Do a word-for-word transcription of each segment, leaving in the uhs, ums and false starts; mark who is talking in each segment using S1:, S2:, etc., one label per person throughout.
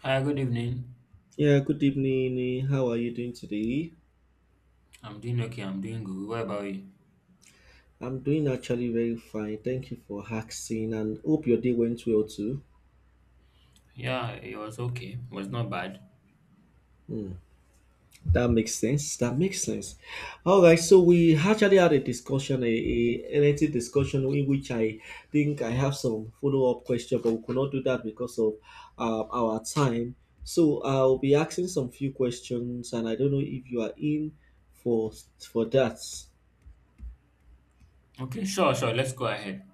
S1: Hi, good evening.
S2: Yeah, good evening. eh, How are you doing today?
S1: I'm doing okay. I'm doing good. What about you?
S2: I'm doing actually very fine. Thank you for asking and hope your day went well too.
S1: Yeah, it was okay. It was not bad.
S2: That makes sense. That makes sense. All right, so we actually had a discussion, a, a lengthy discussion in which I think I have some follow-up question, but we could not do that because of uh, our time. So I'll be asking some few questions, and I don't know if you are in for for that.
S1: Okay, sure, sure. Let's go ahead.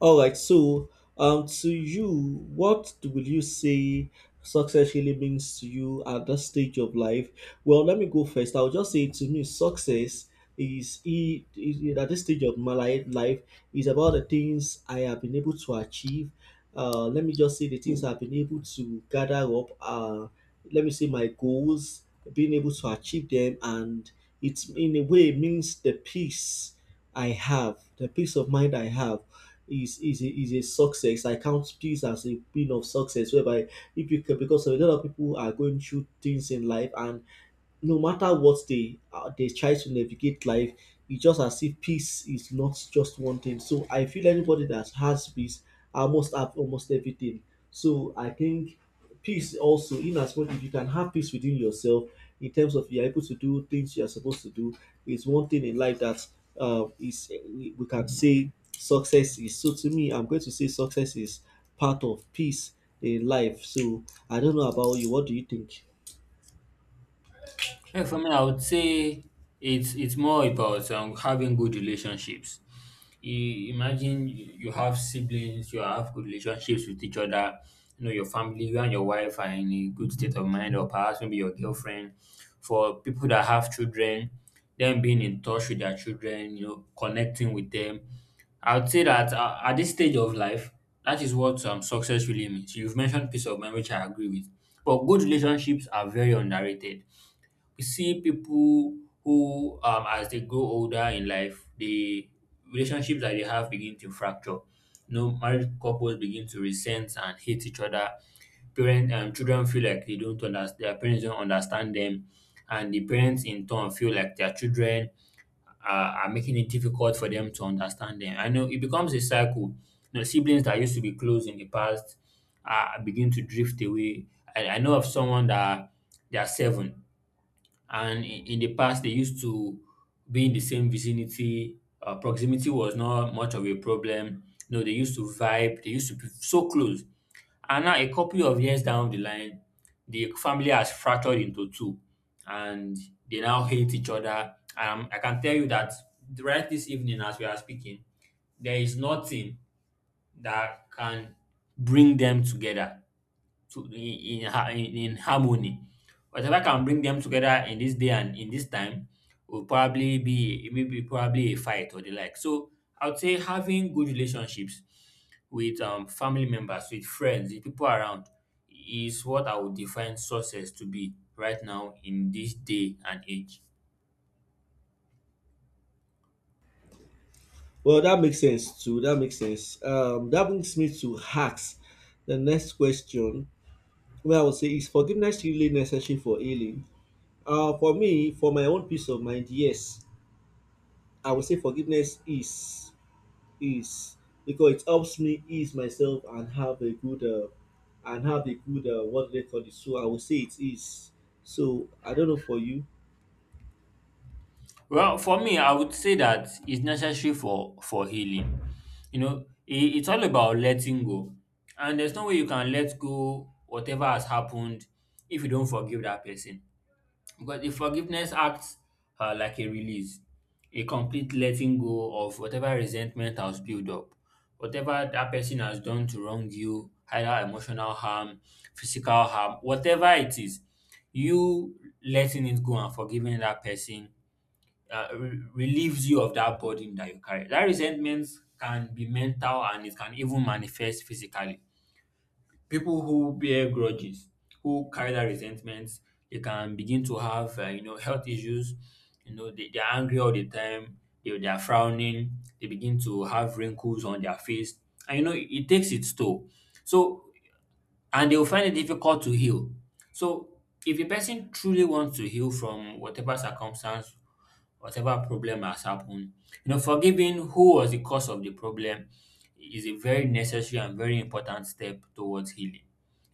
S2: All right, so um, to you, what do- will you say success really means to you at that stage of life? Well, let me go first. I'll just say to me, success is, i- is at this stage of my life, life is about the things I have been able to achieve. Uh, let me just say the things I've been able to gather up. Uh, let me say my goals, being able to achieve them, and it's in a way means the peace I have, the peace of mind I have is is a, is a success. I count this as a being of success, whereby if you can, because a lot of people are going through things in life and no matter what they uh, they try to navigate life. It's just as if peace is not just one thing, so I feel anybody that has peace almost have almost everything. So I think peace also, in as much if you can have peace within yourself in terms of you're able to do things you're supposed to do, is one thing in life that uh, is we, we can say success is. So to me, I'm going to say success is part of peace in life. So I don't know about you, what do you think?
S1: Yeah, for me, I would say it's it's more about um, having good relationships. You, imagine you you have siblings, you have good relationships with each other. You know, your family, you and your wife are in a good state of mind, or perhaps maybe your girlfriend. For people that have children, them being in touch with their children, you know, connecting with them. I would say that uh, at this stage of life, that is what um, success really means. You've mentioned peace of mind, which I agree with. But good relationships are very underrated. We see people who um as they grow older in life, the relationships that they have begin to fracture. You know, married couples begin to resent and hate each other. Parents and children feel like they don't understand, their parents don't understand them, and the parents in turn feel like their children are, are making it difficult for them to understand them. I know it becomes a cycle. You know, siblings that used to be close in the past are begin to drift away. I, I know of someone that they are seven, and in, in the past, they used to be in the same vicinity. Uh, proximity was not much of a problem. No, they used to vibe. They used to be so close. And now, a couple of years down the line, the family has fractured into two, and they now hate each other. Um, I can tell you that right this evening, as we are speaking, there is nothing that can bring them together to in in ha- in in harmony. Whatever can bring them together in this day and in this time will probably be maybe probably a fight or the like. So I would say having good relationships with um family members, with friends, with people around is what I would define success to be right now in this day and age.
S2: Well, that makes sense too. That makes sense. Um, that brings me to hacks. The next question, where I would say, is forgiveness really necessary for healing? Uh, for me, for my own peace of mind, yes, I would say forgiveness is is because it helps me ease myself and have a good uh, and have a good uh, what do they call it? So I would say it is. So I don't know for you.
S1: Well, for me, I would say that it's necessary for for healing. You know, i- it's all about letting go, and there's no way you can let go whatever has happened if you don't forgive that person. Because the forgiveness acts uh, like a release, a complete letting go of whatever resentment has built up, whatever that person has done to wrong you, either emotional harm, physical harm, whatever it is. You letting it go and forgiving that person uh, re- relieves you of that burden that you carry. That resentment can be mental, and it can even manifest physically. People who bear grudges, who carry that resentment, they can begin to have uh, you know, health issues. You know, they, they're angry all the time. They, they are frowning. They begin to have wrinkles on their face, and you know it, it takes its toll. So and they will find it difficult to heal. So if a person truly wants to heal from whatever circumstance, whatever problem has happened. You know, forgiving who was the cause of the problem is a very necessary and very important step towards healing.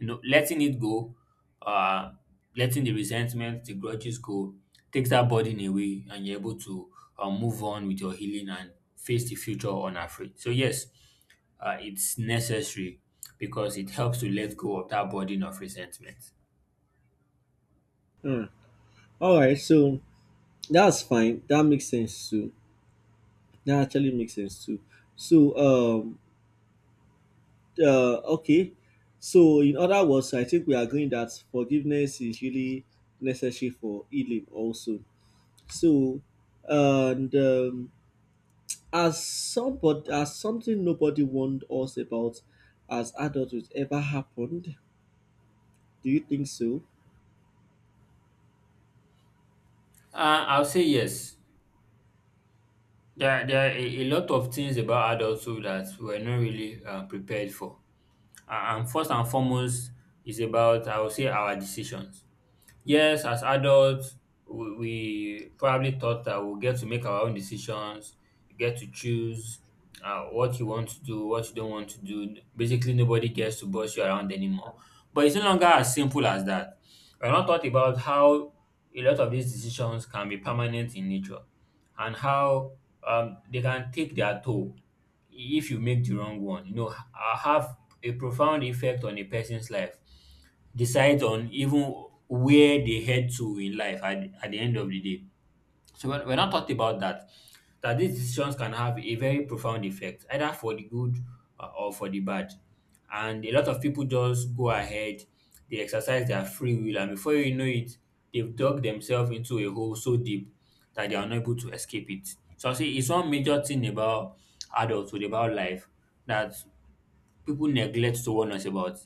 S1: You know, letting it go, uh, letting the resentment, the grudges go, takes that burden away, and you're able to uh, move on with your healing and face the future unafraid. So yes, uh, it's necessary because it helps to let go of that burden of resentment.
S2: Hmm. All right, so that's fine. That makes sense too. That actually makes sense too. So um, uh, okay. So, in other words, I think we are agreeing that forgiveness is really necessary for healing, also. So, and um, as somebody, as something nobody warned us about as adulthood ever happened, do you think so?
S1: Uh, I'll say yes. There, there are a, a lot of things about adulthood that we're not really uh, prepared for. Uh, and first and foremost is about, I would say, our decisions. Yes, as adults, we, we probably thought that we'll get to make our own decisions. You get to choose uh, what you want to do, what you don't want to do. Basically, nobody gets to boss you around anymore. But it's no longer as simple as that. We're not thought about how a lot of these decisions can be permanent in nature, and how um, they can take their toll if you make the wrong one. You know, ha- have a profound effect on a person's life, decides on even where they head to in life at, at the end of the day. So we're, we're not talking about that. That these decisions can have a very profound effect, either for the good uh, or for the bad. And a lot of people just go ahead, they exercise their free will, and before you know it, they've dug themselves into a hole so deep that they are not able to escape it. So I say it's one major thing about adulthood, about life, that people neglect to warn us about.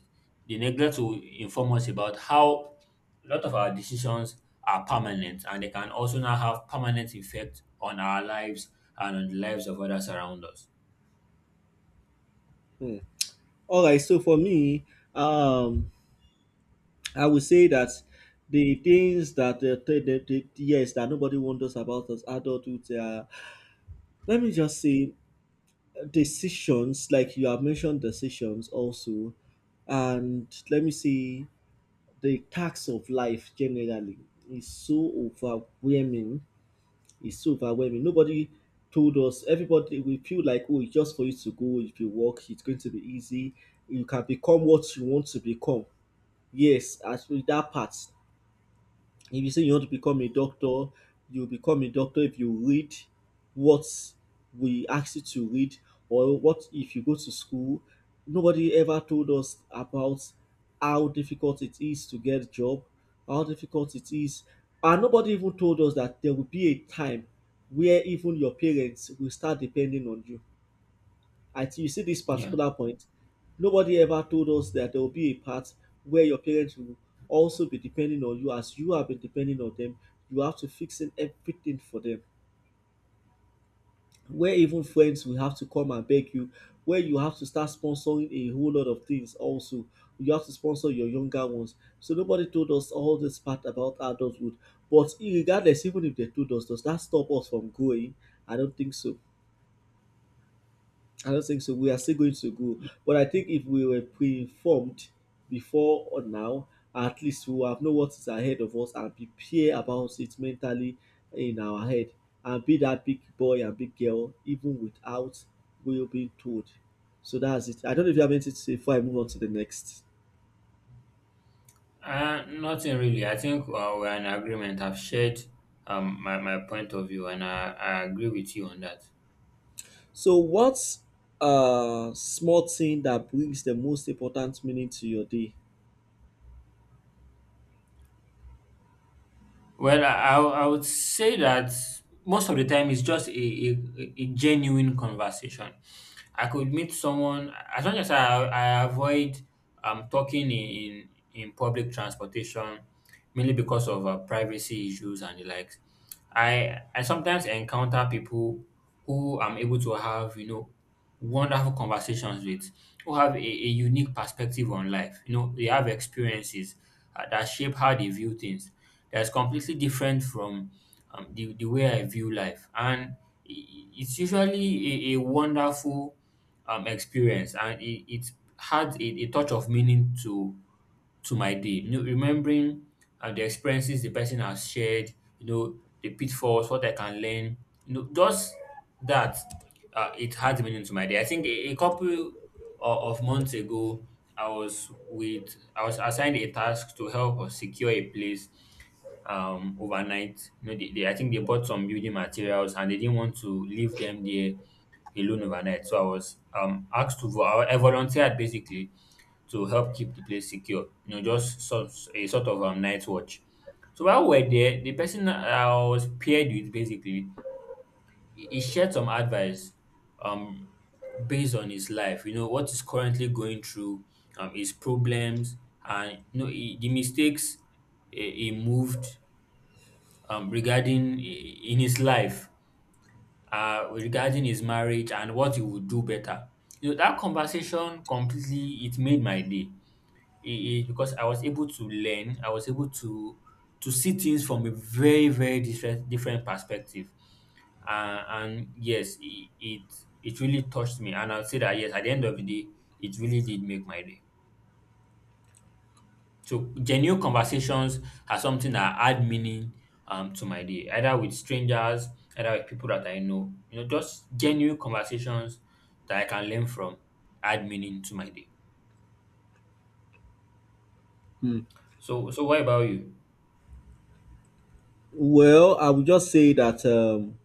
S1: They neglect to inform us about how a lot of our decisions are permanent, and they can also now have permanent effect on our lives and on the lives of others around us.
S2: Hmm. All right. So, for me, um, I would say that the things that uh, the, the, the, yes that nobody warned us about as adulthood, they, let me just say decisions, like you have mentioned, decisions also. And let me see, the tax of life generally is so overwhelming. It's so overwhelming, nobody told us. Everybody, we feel like, oh, it's just for you to go, if you work it's going to be easy, you can become what you want to become. Yes, as with that part, if you say you want to become a doctor, you become a doctor if you read what we ask you to read, or what if you go to school. Nobody ever told us about how difficult it is to get a job, how difficult it is, and nobody even told us that there will be a time where even your parents will start depending on you. At you see this
S1: Yeah.
S2: particular point, nobody ever told us that there will be a part where your parents will also be depending on you as you have been depending on them. You have to fix in everything for them. Where even friends will have to come and beg you, where you have to start sponsoring a whole lot of things also. You have to sponsor your younger ones. So nobody told us all this part about adulthood. But regardless, even if they told us, does that stop us from growing? I don't think so. I don't think so. We are still going to go. But I think if we were pre-informed before or now, at least we will have know what is ahead of us and prepare about it mentally in our head, and be that big boy and big girl even without we being told. So that's it. I don't know if you have anything to say before I move on to the next.
S1: Uh, nothing really. I think uh, we're in agreement. I've shared um, my, my point of view, and I, I agree with you on that.
S2: So what's a small thing that brings the most important meaning to your day?
S1: Well, I, I would I would say that most of the time it's just a, a, a genuine conversation. I could meet someone as long as I, I avoid um, talking in, in in public transportation, mainly because of uh, privacy issues and the likes. I I sometimes encounter people who I'm able to have, you know, wonderful conversations with, who have a, a unique perspective on life. You know, they have experiences uh, that shape how they view things. That's completely different from um, the, the way I view life. And i- i- it's usually a, a wonderful um, experience, and it, it adds a, a touch of meaning to to my day. You know, remembering uh, the experiences the person has shared, you know, the pitfalls, what I can learn, you know, just that uh, it had meaning to my day. I think a, a couple o- of months ago, I was with I was assigned a task to help us secure a place um overnight. You know, they, they, I think they bought some building materials, and they didn't want to leave them there alone overnight. So I was um asked to vo- I I volunteered basically to help keep the place secure. You know, just sort a sort of um, night watch. So while we we're there, the person I was paired with basically he he shared some advice um based on his life. You know what he's currently going through, um his problems, and you know he, the mistakes he, he moved um regarding i- in his life uh, regarding his marriage and what he would do better. You know, that conversation completely it made my day. It, it- because I was able to learn, I was able to to see things from a very very different different perspective, uh, and yes, it, it it really touched me. And I'll say that yes, at the end of the day, it really did make my day. So genuine conversations are something that add meaning um to my day, either with strangers, either with people that I know. You know, just genuine conversations that I can learn from add meaning to my day.
S2: Hmm.
S1: So so what about you?
S2: Well, I would just say that um,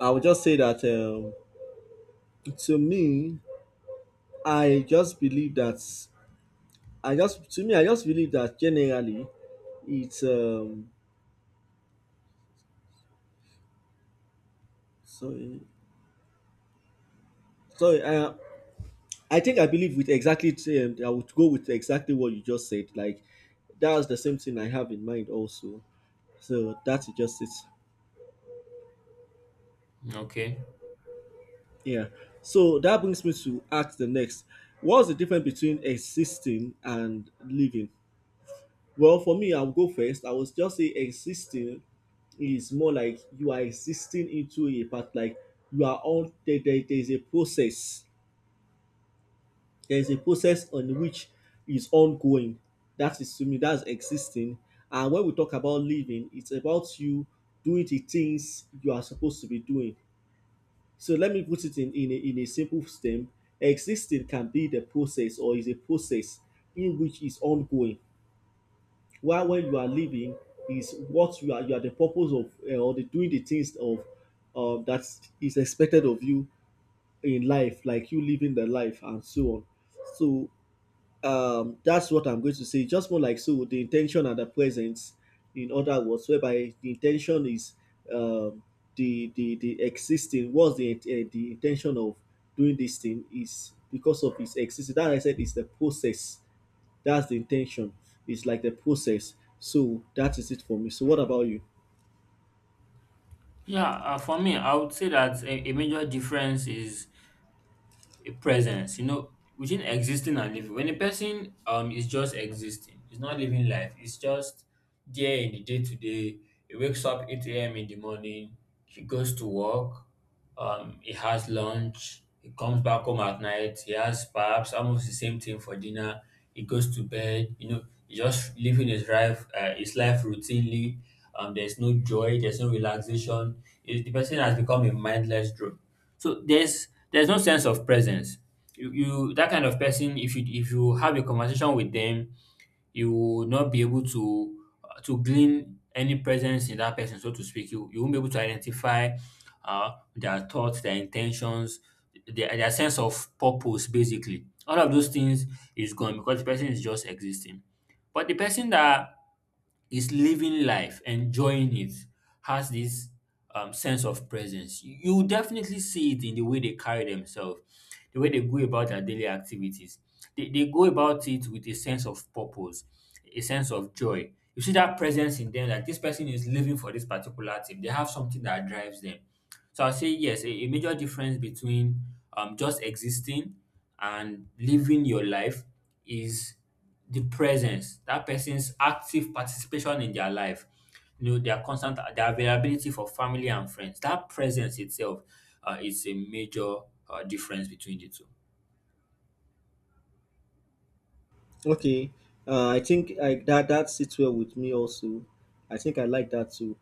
S2: I would just say that um, to me, I just believe that I just to me, I just believe that generally it's um, sorry, sorry i I think I believe with exactly um, I would go with exactly what you just said, like that's the same thing I have in mind also. So that's just it.
S1: Okay.
S2: Yeah, so that brings me to ask the next, what's the difference between existing and living? Well, for me, I'll go first. I was just say existing is more like you are existing into a part, like you are on there, there. There is a process. There is a process on which is ongoing. That is to me. That's existing. And when we talk about living, it's about you doing the things you are supposed to be doing. So let me put it in in a, in a simple stem. Existing can be the process or is a process in which is ongoing, while when you are living is what you are, you are the purpose of uh, or the doing the things of uh, that is expected of you in life, like you living the life and so on. So um, that's what I'm going to say, just more like so the intention and the presence, in other words, whereby the intention is um, the the the existing, what's the uh, the intention of doing this thing is because of its existence that I said is the process. That's the intention. It's like the process. So that is it for me. So what about you?
S1: Yeah, uh, for me, I would say that a, a major difference is a presence. You know, within existing and living, when a person um is just existing, it's not living life. It's just there in the day to day. He wakes up eight a m in the morning. He goes to work. Um, he has lunch. He comes back home at night. He has perhaps almost the same thing for dinner. He goes to bed. You know, he's just living his life, uh, his life routinely. Um, there's no joy. There's no relaxation. It, the person has become a mindless drone. So there's there's no sense of presence. You, you that kind of person. If you if you have a conversation with them, you will not be able to uh, to glean any presence in that person, so to speak. You you won't be able to identify uh, their thoughts, their intentions, their, their sense of purpose, basically. All of those things is gone because the person is just existing. But the person that is living life, enjoying it, has this um, sense of presence. You definitely see it in the way they carry themselves, the way they go about their daily activities. They, they go about it with a sense of purpose, a sense of joy. You see that presence in them, like this person is living for this particular thing. They have something that drives them. So I say yes, a, a major difference between um, just existing and living your life is the presence, that person's active participation in their life, you know, their constant, their availability for family and friends. That presence itself uh, is a major uh, difference between the two.
S2: Okay, uh, I think I that that sits well with me also. I think I like that too.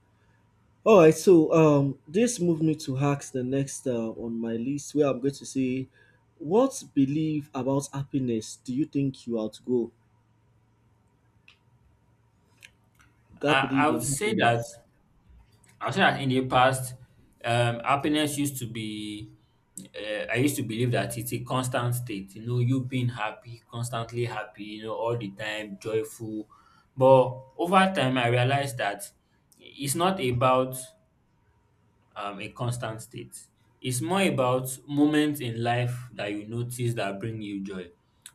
S2: All right, so um, this moved me to hacks the next uh, on my list, where I'm going to say, what belief about happiness do you think you outgrow? That
S1: I,
S2: belief
S1: I
S2: in
S1: would say that
S2: happiness.
S1: I'll say that in the past, um, happiness used to be, uh, I used to believe that it's a constant state, you know, you being happy, constantly happy, you know, all the time, joyful. But over time, I realized that it's not about um, a constant state. It's more about moments in life that you notice that bring you joy.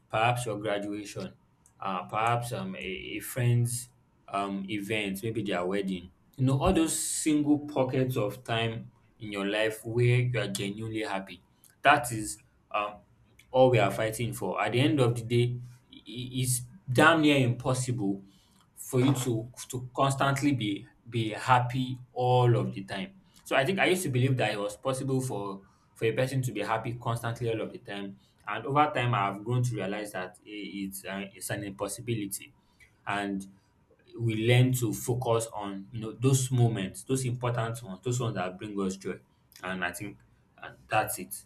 S1: Perhaps your graduation, uh, perhaps um, a, a friend's um, event, maybe their wedding. You know, all those single pockets of time in your life where you are genuinely happy. That is um, all we are fighting for. At the end of the day, i- i- it's damn near impossible for you to to constantly be be happy all of the time. So I think I used to believe that it was possible for for a person to be happy constantly all of the time, and over time I've grown to realize that i- it's uh, it's an impossibility, and we learn to focus on you know those moments, those important ones, those ones that bring us joy, and I think, and that's it.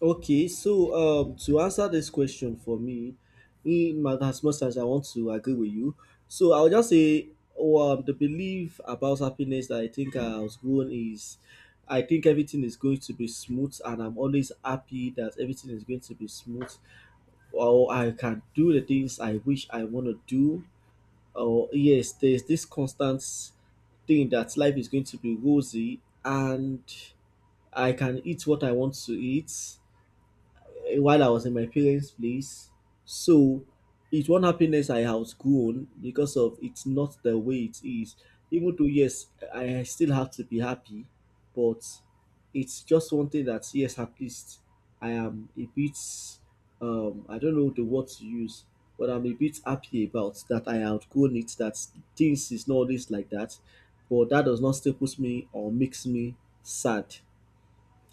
S2: Okay, so um, to answer this question for me, in my, as much as I want to agree with you, so I'll just say oh, um, the belief about happiness that I think I was grown is, I think everything is going to be smooth, and I'm always happy that everything is going to be smooth, or I can do the things I wish I want to do. Or yes, there's this constant thing that life is going to be rosy, and I can eat what I want to eat eh, while I was in my parents' place. So it's one happiness I outgrown because of it's not the way it is. Even though yes, I I still have to be happy, but it's just one thing that yes, at least I am a bit um, I don't know the word to use, but I'm a bit happy about that I outgrown it, that things is not always like that. But that does not still put me or makes me sad.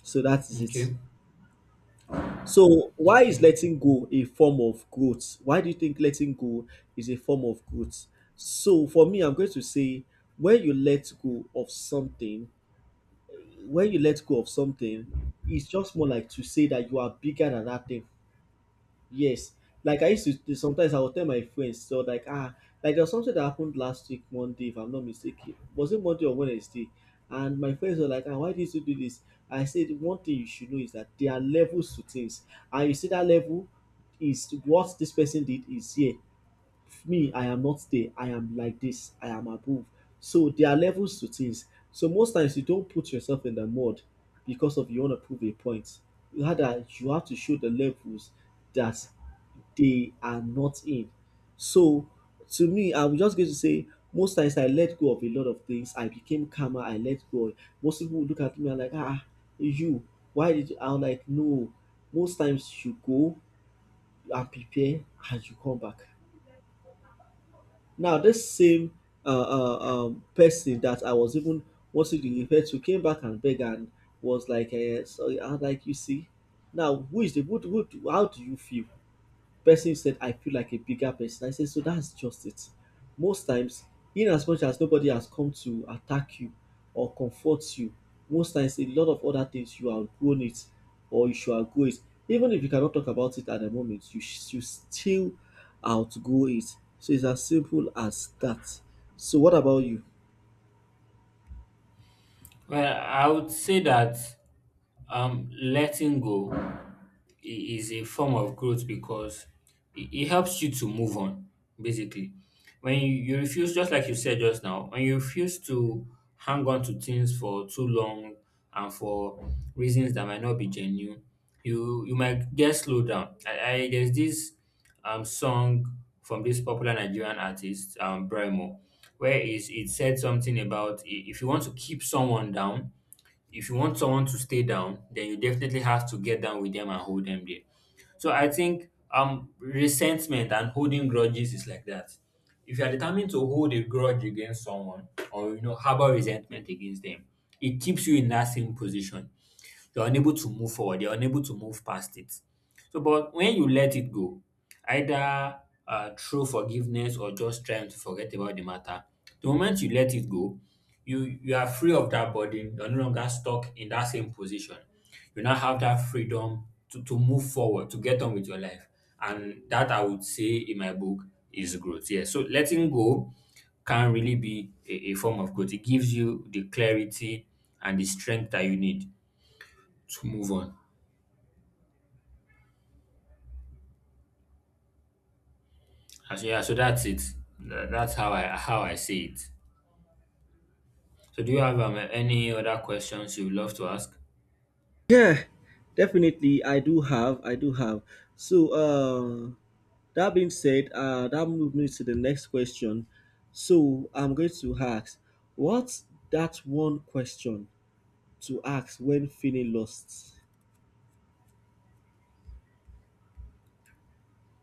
S2: So that is it.
S1: Okay,
S2: So why is
S1: okay.
S2: letting go a form of growth? Why do you think letting go is a form of growth? So for me, I'm going to say when you let go of something, when you let go of something, it's just more like to say that you are bigger than that thing. Yes, like I used to do sometimes, I will tell my friends, so like ah, like there was something that happened last week Monday, if I'm not mistaken. Was it Monday or Wednesday? And my friends were like, ah, why did you do this? I said one thing you should know is that there are levels to things. And you see that level is what this person did is here, me I am not there, I am like this, I am above. So there are levels to things. So most times you don't put yourself in the mud because of you want to prove a point. Rather, you have to show the levels that they are not in. So to me, I'm just going to say most times I let go of a lot of things. I became calmer. I let go. Most people would look at me and like, ah, you, why did you? I'm like, no. Most times you go and prepare and you come back. Now, this same uh, uh, um, person that I was even wanting to refer to came back and begged and was like, uh, sorry. I was like, you see, now, who is the, what, what, how do you feel? Person said, I feel like a bigger person. I said, so that's just it. Most times, in as much as nobody has come to attack you or comfort you, most times a lot of other things you outgrown it or you should outgrow it. Even if you cannot talk about it at the moment, you should still outgrow it. So it's as simple as that. So what about you?
S1: Well, I would say that Um, letting go i- is a form of growth because it, it helps you to move on, basically. When you, you refuse, just like you said just now, when you refuse to hang on to things for too long and for reasons that might not be genuine, you you might get slowed down. I, I there's this um song from this popular Nigerian artist, um Bremo, where is it said something about i- if you want to keep someone down, if you want someone to stay down, then you definitely have to get down with them and hold them there. So I think um resentment and holding grudges is like that. If you are determined to hold a grudge against someone or you know harbor resentment against them, it keeps you in that same position. You're unable to move forward, you're unable to move past it. So, but when you let it go, either uh, through forgiveness or just trying to forget about the matter, the moment you let it go, you you are free of that burden. You're no longer stuck in that same position. You now have that freedom to, to move forward, to get on with your life. And that I would say in my book is growth. Yeah. So letting go can really be a, a form of growth. It gives you the clarity and the strength that you need to move on. Ah, so yeah, so that's it. Tha- That's how I how I see it. So do you have um, any other questions you'd love to ask?
S2: Yeah, definitely. I do have. I do have. So, uh, that being said, uh, that moves me to the next question. So, I'm going to ask, what's that one question to ask when feeling lost?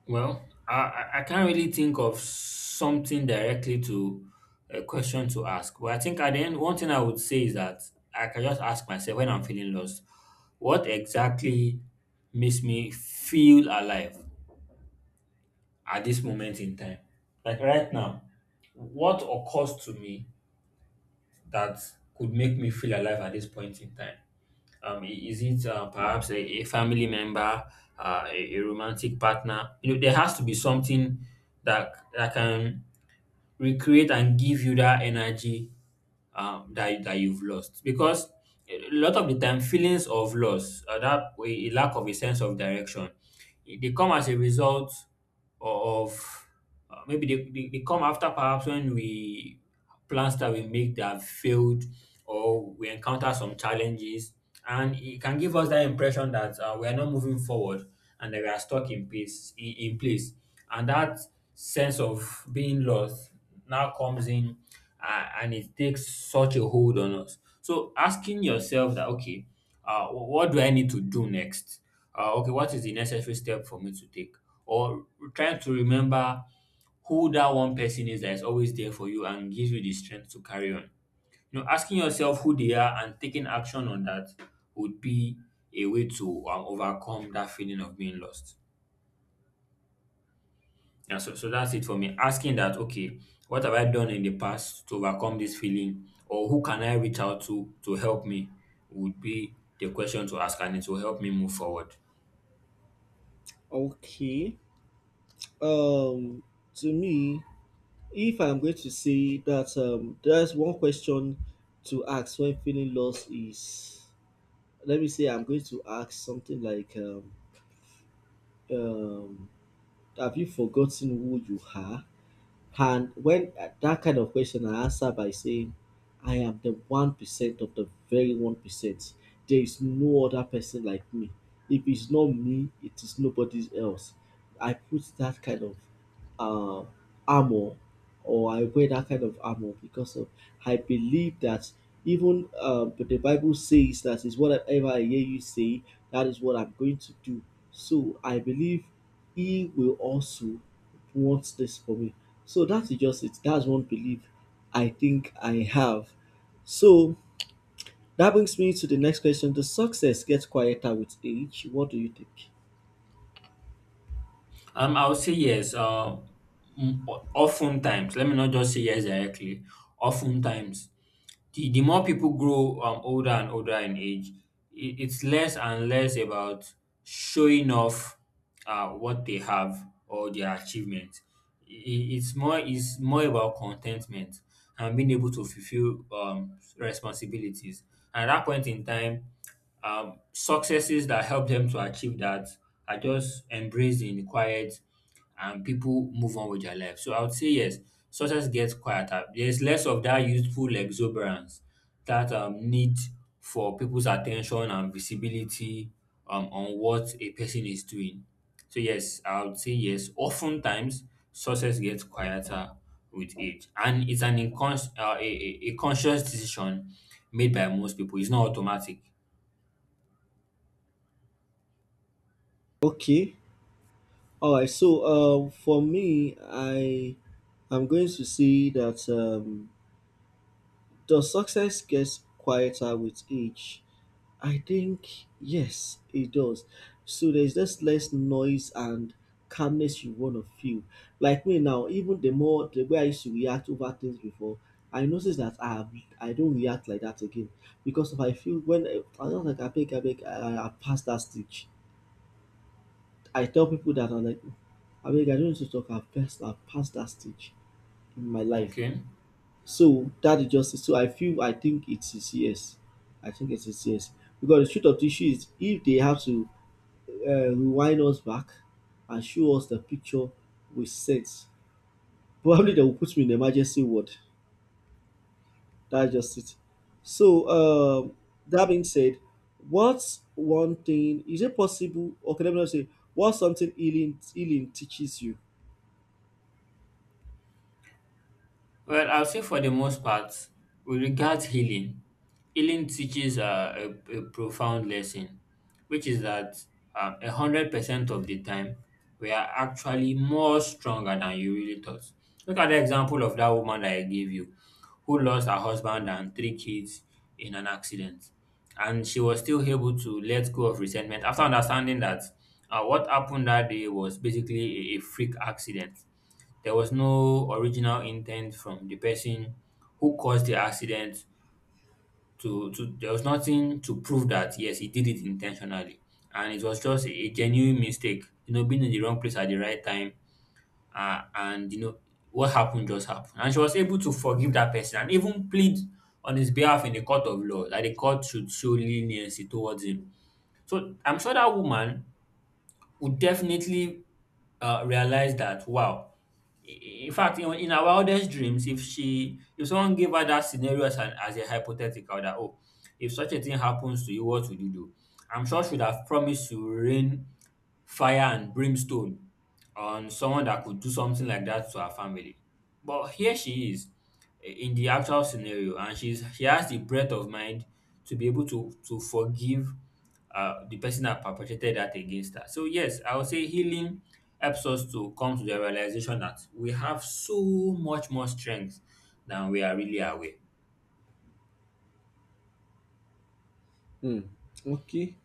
S1: Well, I I I can't really think of something directly to a question to ask. But I think at the end, one thing I would say is that I can just ask myself when I'm feeling lost, what exactly makes me feel alive at this moment in time? Like right now, what occurs to me that could make me feel alive at this point in time? Um, i- is it uh, perhaps a, a family member, uh, a, a romantic partner? You know, there has to be something that that can recreate and give you that energy um, that that you've lost. Because a lot of the time, feelings of loss, uh, that a a lack of a sense of direction, it- they come as a result of uh, maybe they, they, they come after perhaps when we plans that we make that have failed or we encounter some challenges, and it can give us that impression that uh, we are not moving forward and that we are stuck in place in, in place, and that sense of being lost now comes in uh, and it takes such a hold on us. So asking yourself that, okay, uh, wh- what do I need to do next, uh, okay, what is the necessary step for me to take, or trying to remember who that one person is that is always there for you and gives you the strength to carry on. You know, asking yourself who they are and taking action on that would be a way to um, overcome that feeling of being lost. Yeah, so, so that's it for me. Asking that, okay, what have I done in the past to overcome this feeling? Or who can I reach out to to help me? Would be the question to ask, and it will help me move forward.
S2: Okay. Um, to me, if I'm going to say that um, there's one question to ask when feeling lost is, let me say, I'm going to ask something like, um, uh, have you forgotten who you are? And when uh, that kind of question, I answer by saying, I am the one percent of the very one percent. There is no other person like me. If it's not me, it is nobody else. I put that kind of uh, armor, or I wear that kind of armor because of I believe that even uh, but the Bible says that is whatever I hear you say, that is what I'm going to do. So I believe he will also wants this for me. So that is just it. That's one belief I think I have. So that brings me to the next question. Does success get quieter with age? What do you think?
S1: Um, I would say yes. Um, mm, o- oftentimes, let me not just say yes directly. Oftentimes, the, the more people grow um, older and older in age, it it's less and less about showing off uh, what they have or their achievements. I- i- It's more it's more about contentment and being able to fulfill um, responsibilities. At that point in time, um, successes that help them to achieve that are just embraced in quiet, and people move on with their life. So I would say yes, success gets quieter. There's less of that youthful exuberance, that um, need for people's attention and visibility um, on what a person is doing. So yes, I would say yes. Oftentimes, success gets quieter with age, and it's an incons- uh, a, a a conscious decision made by most people. It's not automatic.
S2: Okay. All right. So uh, for me, I am going to say that um, does success get quieter with age? I think yes, it does. So there's just less noise and calmness you want to feel. Like me now, even the more the way I used to react over things before, I notice that I have, I don't react like that again because if I feel when I I don't like I beg I beg I, I passed that stage. I tell people that I'm like I beg I don't need to talk. I've passed I've passed that stage in my life.
S1: Okay.
S2: So that is just so I feel I think it is yes. I think it is yes because the truth of the issue is if they have to uh, rewind us back and show us the picture we sent. Probably they will put me in emergency ward. That's just it. So um, that being said, what's one thing? Is it possible? Okay, let me not say what's something healing healing teaches you.
S1: Well, I'll say for the most part, with regards healing, healing teaches uh, a, a profound lesson, which is that um, one hundred percent of the time, we are actually more stronger than you really thought. Look at the example of that woman that I gave you, who lost her husband and three kids in an accident. And she was still able to let go of resentment after understanding that uh, what happened that day was basically a, a freak accident. There was no original intent from the person who caused the accident to to there was nothing to prove that yes, he did it intentionally, and it was just a a genuine mistake, you know, being in the wrong place at the right time, uh, and you know what happened just happened. And she was able to forgive that person and even plead on his behalf in the court of law that the court should show leniency towards him. So I'm sure that woman would definitely uh, realize that wow, in fact, in in her wildest dreams, if she if someone gave her that scenario as an as a hypothetical that, "Oh, if such a thing happens to you, what would you do?" I'm sure she would have promised to rain fire and brimstone on someone that could do something like that to her family. But here she is i- in the actual scenario, and she's she has the breadth of mind to be able to to forgive uh, the person that perpetrated that against her. So yes, I would say healing helps us to come to the realization that we have so much more strength than we are really aware.
S2: Hmm. Okay.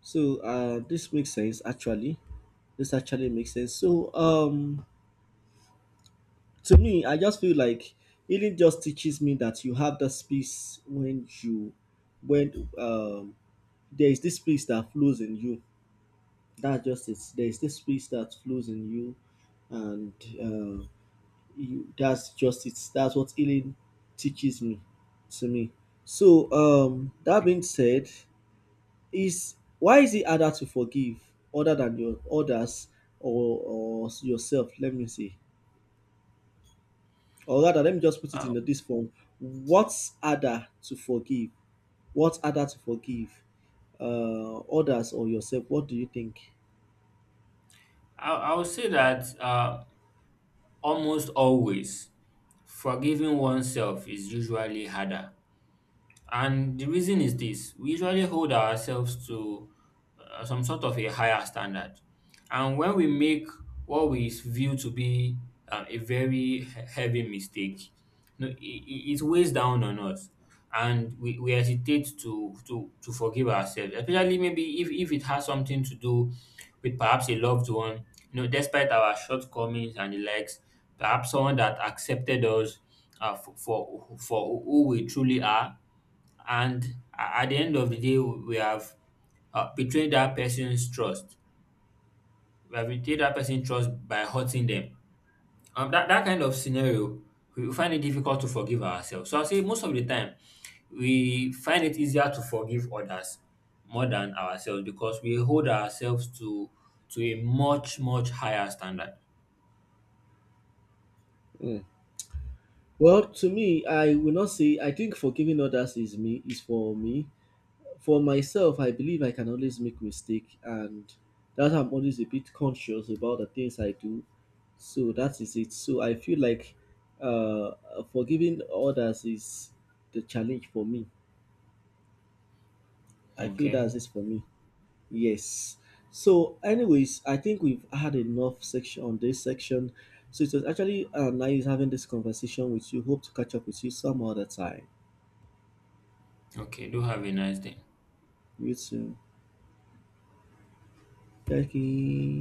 S2: So uh, this makes sense. Actually, this actually makes sense. So um, to me, I just feel like healing just teaches me that you have that space when you when um there is this space that flows in you. That's just it. There is this space that flows in you, and uh, you, that's just it. That's what healing teaches me. To me, so um, that being said, is why is it harder to forgive other than your others or, or yourself? Let me see. Or rather, let me just put it in
S1: Uh,
S2: this form. What's harder to forgive? What's harder to forgive? Uh, others or yourself? What do you think?
S1: I, I would say that uh, almost always forgiving oneself is usually harder. And the reason is this, we usually hold ourselves to uh, some sort of a higher standard. And when we make what we view to be uh, a very he- heavy mistake, you know, it, it weighs down on us. And we, we hesitate to, to, to forgive ourselves, especially maybe if, if it has something to do with perhaps a loved one. You know, despite our shortcomings and the likes, perhaps someone that accepted us uh, for, for for who we truly are, and a- at the end of the day we have uh, betrayed that person's trust we have betrayed that person's trust by hurting them. um, that, that kind of scenario, we find it difficult to forgive ourselves. So I say most of the time we find it easier to forgive others more than ourselves, because we hold ourselves to to a much much higher standard.
S2: Mm. Well, to me, I will not say. I think forgiving others is me is for me. For myself, I believe I can always make mistake, and that I'm always a bit conscious about the things I do. So that is it. So I feel like uh, forgiving others is the challenge for me. I feel
S1: Okay,
S2: that is for me. Yes. So, anyways, I think we've had enough section on this section. So it was actually uh, nice having this conversation with you. Hope to catch up with you some other time.
S1: okay. Do have a nice day.
S2: You too. Thank you.